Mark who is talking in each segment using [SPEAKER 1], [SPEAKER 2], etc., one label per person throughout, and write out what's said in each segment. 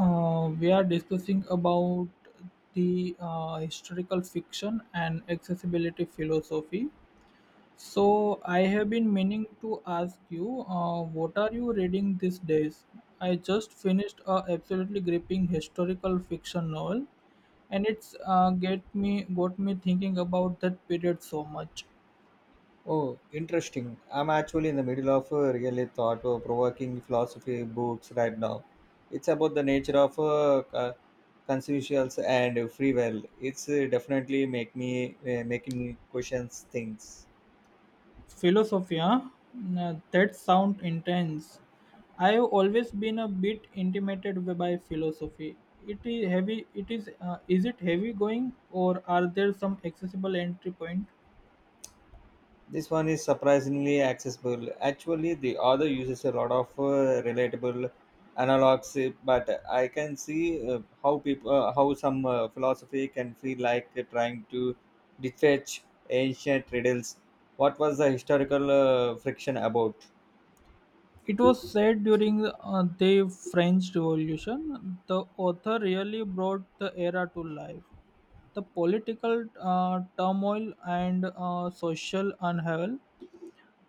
[SPEAKER 1] We are discussing about the historical fiction and accessibility philosophy. So I have been meaning to ask you, what are you reading these days? I just finished a absolutely gripping historical fiction novel, and it's get me got me thinking about that period so much.
[SPEAKER 2] Oh, interesting. I'm actually in the middle of a really thought provoking philosophy books right now. It's about the nature of consensuals and free will. It's definitely make me making me questions things.
[SPEAKER 1] Philosophia, that sound intense. I've always been a bit intimidated by philosophy. It is heavy. It is. Is it heavy going, or are there some accessible entry point?
[SPEAKER 2] This one is surprisingly accessible. Actually, the author uses a lot of relatable analogs, but I can see how people, how some philosophy can feel like trying to detach ancient riddles. What was the historical friction about?
[SPEAKER 1] It was said during the French Revolution, the author really brought the era to life. The political turmoil and social unravel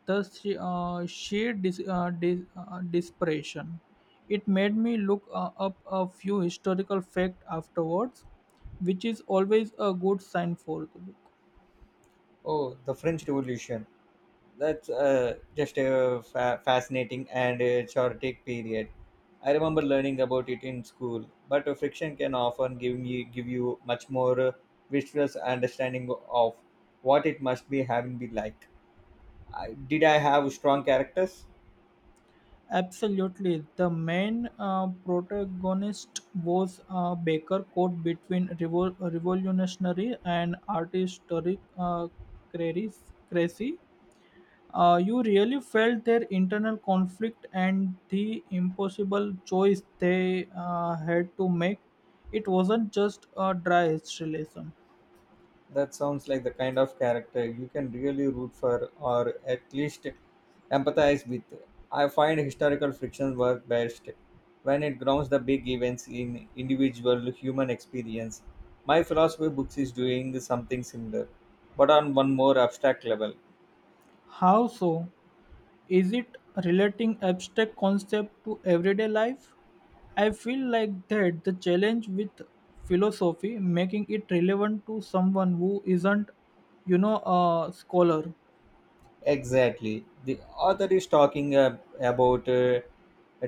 [SPEAKER 1] the sheer desperation. It made me look up a few historical facts afterwards, which is always a good sign for the book.
[SPEAKER 2] Oh, the French Revolution. That's just a fascinating and a chaotic period. I remember learning about it in school, but friction can often give you much more visual understanding of what it must be having be like. I, did I have strong characters?
[SPEAKER 1] Absolutely, the main protagonist was a baker caught between revolutionary and artistic crazy. You really felt their internal conflict and the impossible choice they had to make. It wasn't just a dry relation.
[SPEAKER 2] That sounds like the kind of character you can really root for or at least empathize with. I find historical fiction work best when it grounds the big events in individual human experience. My philosophy books is doing something similar, but on one more abstract level.
[SPEAKER 1] How so? Is it relating abstract concept to everyday life? I feel like that the challenge with philosophy, making it relevant to someone who isn't, you know, a scholar.
[SPEAKER 2] Exactly. The author is talking about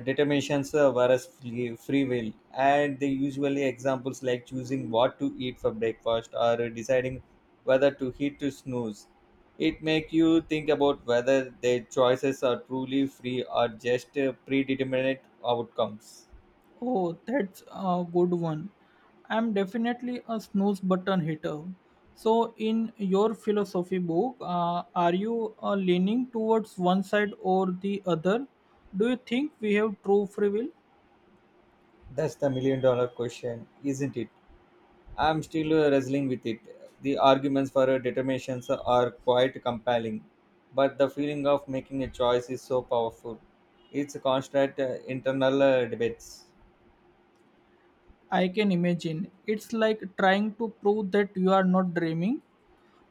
[SPEAKER 2] determinations versus free will, and they usually examples like choosing what to eat for breakfast or deciding whether to hit to snooze. It make you think about whether their choices are truly free or just predetermined outcomes.
[SPEAKER 1] Oh, that's a good one. I'm definitely a snooze button hitter. So, in your philosophy book, are you leaning towards one side or the other? Do you think we have true free will?
[SPEAKER 2] That's the million-dollar question, isn't it? I'm still wrestling with it. The arguments for determinations are quite compelling, but the feeling of making a choice is so powerful. It's a constant internal debates.
[SPEAKER 1] I can imagine. It's like trying to prove that you are not dreaming.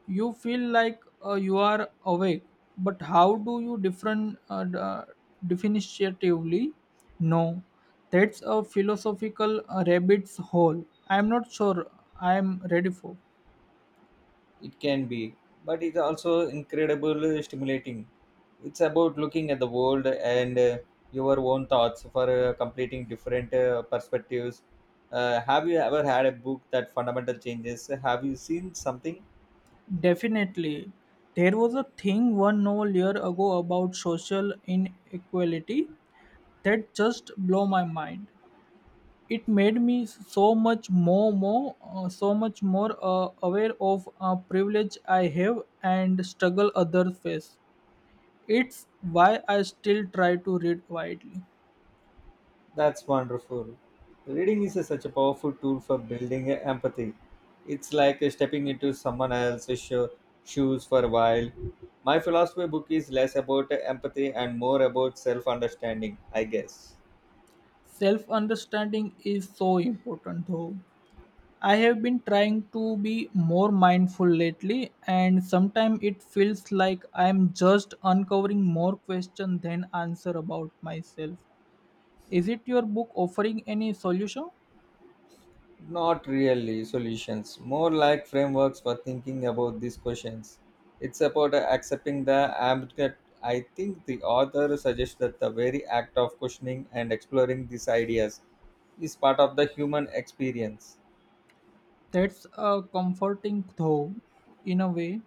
[SPEAKER 1] You feel like you are awake, but how do you different definitively? No, that's a philosophical rabbit's hole. I'm not sure I'm ready for.
[SPEAKER 2] It can be, but it's also incredibly stimulating. It's about looking at the world and your own thoughts for completing different perspectives. Have you ever had a book that fundamental changes? Have you seen something?
[SPEAKER 1] Definitely. There was a thing one novel year ago about social inequality that just blew my mind. It made me so much more aware of privilege I have and struggle others face. It's why I still try to read widely.
[SPEAKER 2] That's wonderful. Reading is such a powerful tool for building empathy. It's like stepping into someone else's shoes for a while. My philosophy book is less about empathy and more about self understanding, I guess.
[SPEAKER 1] Self understanding is so important though. I have been trying to be more mindful lately and sometimes it feels like I'm just uncovering more questions than answer about myself. Is it your book offering any solution?
[SPEAKER 2] Not really solutions, more like frameworks for thinking about these questions. It's about accepting the ambiguity. I think the author suggests that the very act of questioning and exploring these ideas is part of the human experience.
[SPEAKER 1] That's a comforting though, in a way.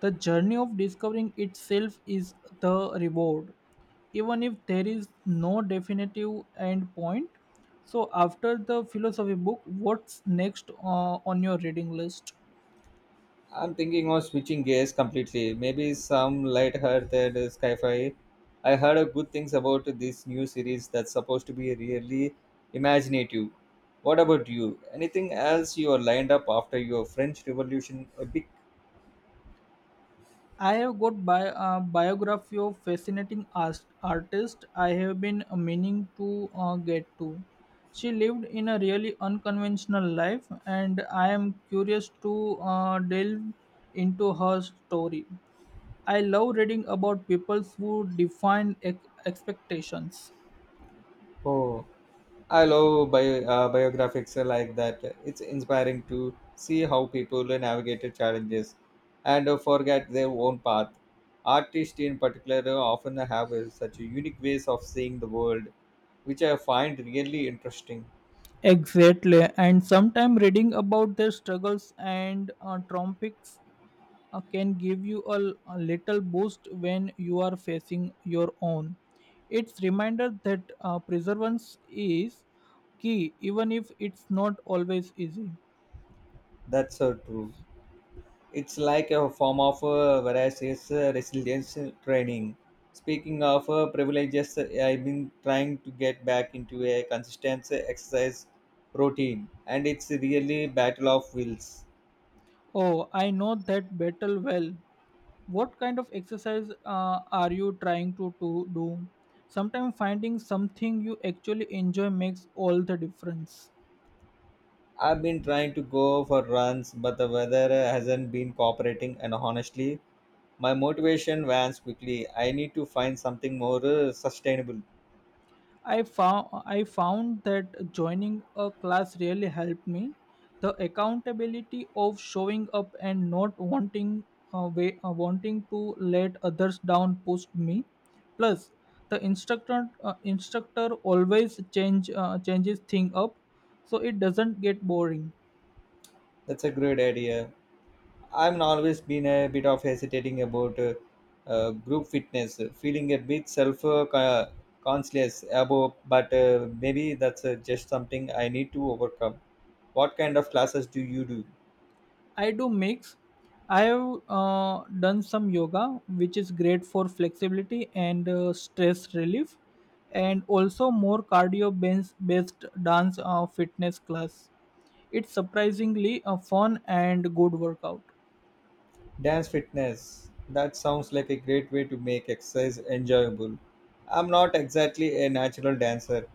[SPEAKER 1] The journey of discovering itself is the reward, even if there is no definitive end point. So, after the philosophy book, what's next on your reading list?
[SPEAKER 2] I'm thinking of switching gears completely. Maybe some light-hearted sci-fi. I heard a good things about this new series that's supposed to be really imaginative. What about you? Anything else you are lined up after your French Revolution epic?
[SPEAKER 1] I have got biography of fascinating artist I have been meaning to get to. She lived in a really unconventional life, and I am curious to delve into her story. I love reading about people who define expectations.
[SPEAKER 2] Oh. I love biographics like that. It's inspiring to see how people navigated challenges and forget their own path. Artists, in particular, often have such unique ways of seeing the world, which I find really interesting.
[SPEAKER 1] Exactly, and sometimes reading about their struggles and triumphs can give you a little boost when you are facing your own. It's reminder that perseverance is key, even if it's not always easy.
[SPEAKER 2] That's so true. It's like a form of various resilience training. Speaking of privileges, I've been trying to get back into a consistent exercise routine, and it's really battle of wills.
[SPEAKER 1] Oh, I know that battle well. What kind of exercise are you trying to do? Sometimes finding something you actually enjoy makes all the difference.
[SPEAKER 2] I've been trying to go for runs, but the weather hasn't been cooperating, and honestly, my motivation wanes quickly. I need to find something more sustainable.
[SPEAKER 1] I found that joining a class really helped me. The accountability of showing up and not wanting to let others down pushed me. Plus, the instructor always changes thing up, so it doesn't get boring.
[SPEAKER 2] That's a great idea. I've always been a bit of hesitating about group fitness, feeling a bit self conscious about, but maybe that's just something I need to overcome. What kind of classes do you do?
[SPEAKER 1] I do mix. I have done some yoga, which is great for flexibility and stress relief, and also more cardio based dance fitness class. It's surprisingly a fun and good workout.
[SPEAKER 2] Dance fitness. That sounds like a great way to make exercise enjoyable. I'm not exactly a natural dancer,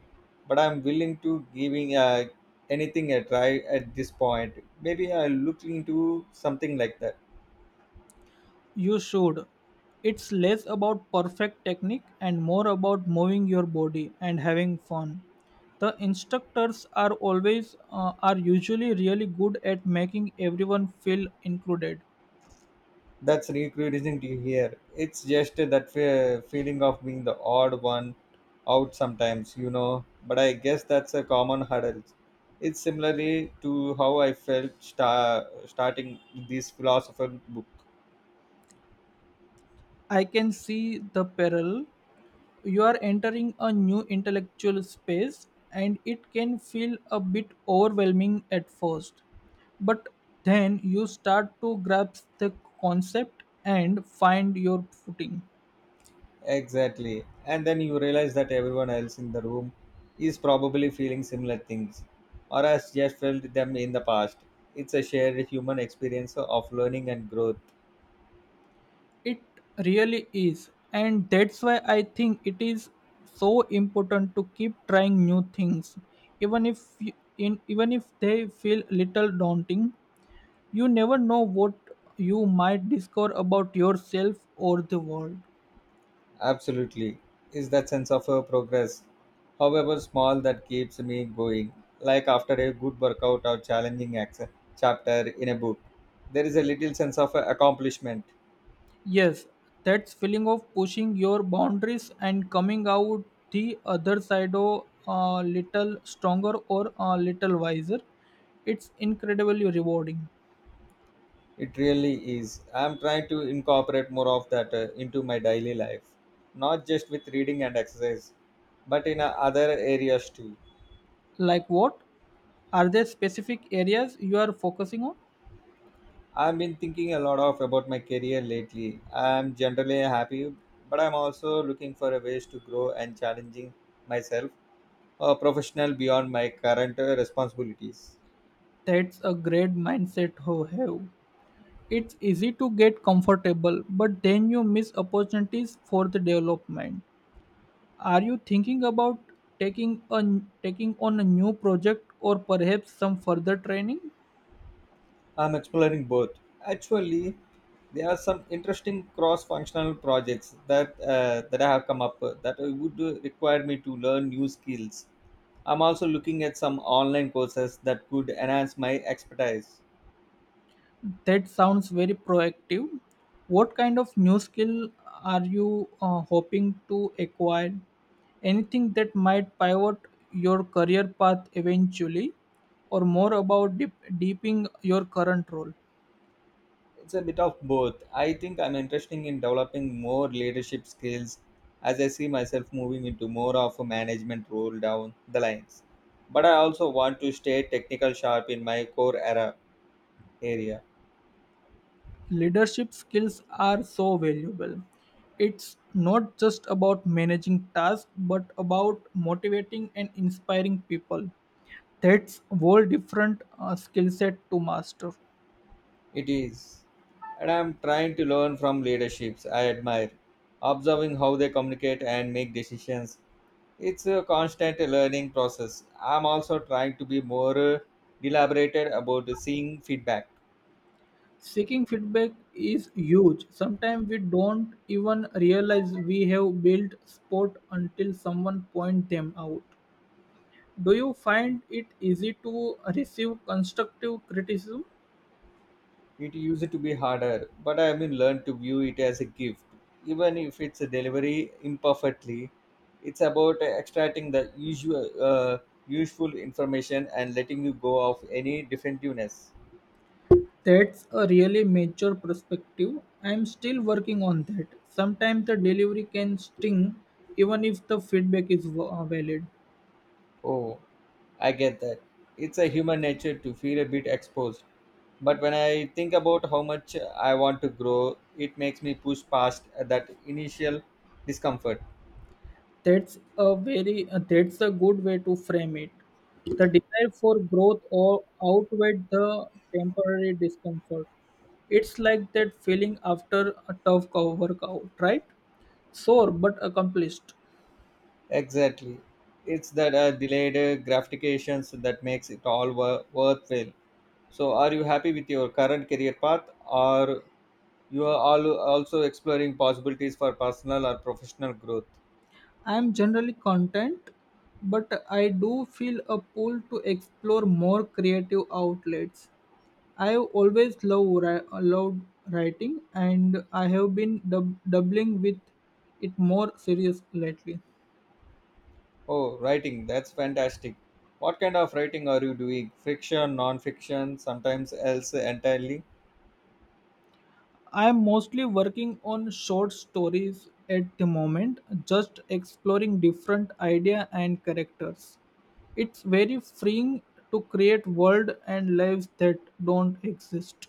[SPEAKER 2] but I'm willing to giving anything a try at this point. Maybe I'll look into something like that.
[SPEAKER 1] You should. It's less about perfect technique and more about moving your body and having fun. The instructors are usually really good at making everyone feel included.
[SPEAKER 2] That's recruit isn't here. It's just that feeling of being the odd one out sometimes, you know. But I guess that's a common hurdle. It's similarly to how I felt starting this philosopher book.
[SPEAKER 1] I can see the peril. You are entering a new intellectual space, and it can feel a bit overwhelming at first. But then you start to grasp the concept and find your footing.
[SPEAKER 2] Exactly. And then you realize that everyone else in the room is probably feeling similar things or has just felt them in the past. It's a shared human experience of learning and growth.
[SPEAKER 1] It really is, and that's why I think it is so important to keep trying new things, even if you- in even if they feel little daunting. You never know what you might discover about yourself or the world.
[SPEAKER 2] Absolutely. Is that sense of progress, however small, that keeps me going. Like after a good workout or challenging chapter in a book, there is a little sense of accomplishment.
[SPEAKER 1] Yes, that feeling of pushing your boundaries and coming out the other side of a little stronger or a little wiser. It's incredibly rewarding.
[SPEAKER 2] It really is. I'm trying to incorporate more of that into my daily life, not just with reading and exercise, but in other areas too.
[SPEAKER 1] Like what? Are there specific areas you are focusing on?
[SPEAKER 2] I've been thinking a lot of about my career lately. I'm generally happy, but I'm also looking for a ways to grow and challenging myself professional beyond my current responsibilities.
[SPEAKER 1] That's a great mindset to have. It's easy to get comfortable, but then you miss opportunities for the development. Are you thinking about taking a taking on a new project or perhaps some further training?
[SPEAKER 2] I'm exploring both. Actually, there are some interesting cross-functional projects that I have come up with that would require me to learn new skills. I'm also looking at some online courses that could enhance my expertise.
[SPEAKER 1] That sounds very proactive. What kind of new skill are you hoping to acquire? Anything that might pivot your career path eventually, or more about deeping your current role?
[SPEAKER 2] It's a bit of both. I think I'm interested in developing more leadership skills as I see myself moving into more of a management role down the lines. But I also want to stay technical sharp in my core era area.
[SPEAKER 1] Leadership skills are so valuable. It's not just about managing tasks, but about motivating and inspiring people. That's a whole different skill set to master.
[SPEAKER 2] It is. And I'm trying to learn from leaderships I admire, observing how they communicate and make decisions. It's a constant learning process. I'm also trying to be more deliberated about seeing feedback.
[SPEAKER 1] Seeking feedback is huge. Sometimes we don't even realize we have built sport until someone point them out. Do you find it easy to receive constructive criticism?
[SPEAKER 2] It used to be harder, but I have been learned to view it as a gift. Even if it's a delivery imperfectly, it's about extracting the useful information and letting you go of any defensiveness.
[SPEAKER 1] That's a really mature perspective. I'm still working on that. Sometimes the delivery can sting, even if the feedback is valid.
[SPEAKER 2] Oh, I get that. It's a human nature to feel a bit exposed. But when I think about how much I want to grow, it makes me push past that initial discomfort.
[SPEAKER 1] That's a good way to frame it. The desire for growth or outweigh the temporary discomfort. It's like that feeling after a tough workout, right? Sore but accomplished.
[SPEAKER 2] Exactly. It's that delayed gratifications that makes it all worthwhile. So, are you happy with your current career path, or you are all also exploring possibilities for personal or professional growth?
[SPEAKER 1] I'm generally content, but I do feel a pull to explore more creative outlets. I've always loved writing, and I have been doubling with it more serious lately.
[SPEAKER 2] Oh, writing. That's fantastic. What kind of writing are you doing? Fiction, non-fiction, sometimes else entirely?
[SPEAKER 1] I'm mostly working on short stories at the moment, just exploring different idea and characters. It's very freeing to create world and lives that don't exist.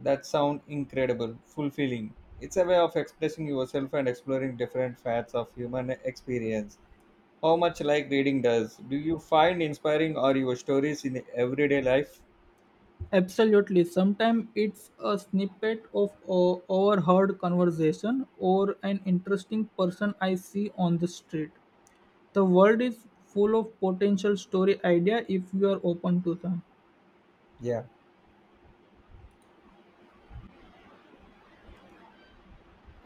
[SPEAKER 2] That sound incredible, fulfilling. It's a way of expressing yourself and exploring different facets of human experience. How much like reading does? Do you find inspiring or your stories in everyday life?
[SPEAKER 1] Absolutely. Sometimes it's a snippet of a overheard conversation or an interesting person I see on the street. The world is full of potential story idea if you are open to them.
[SPEAKER 2] Yeah.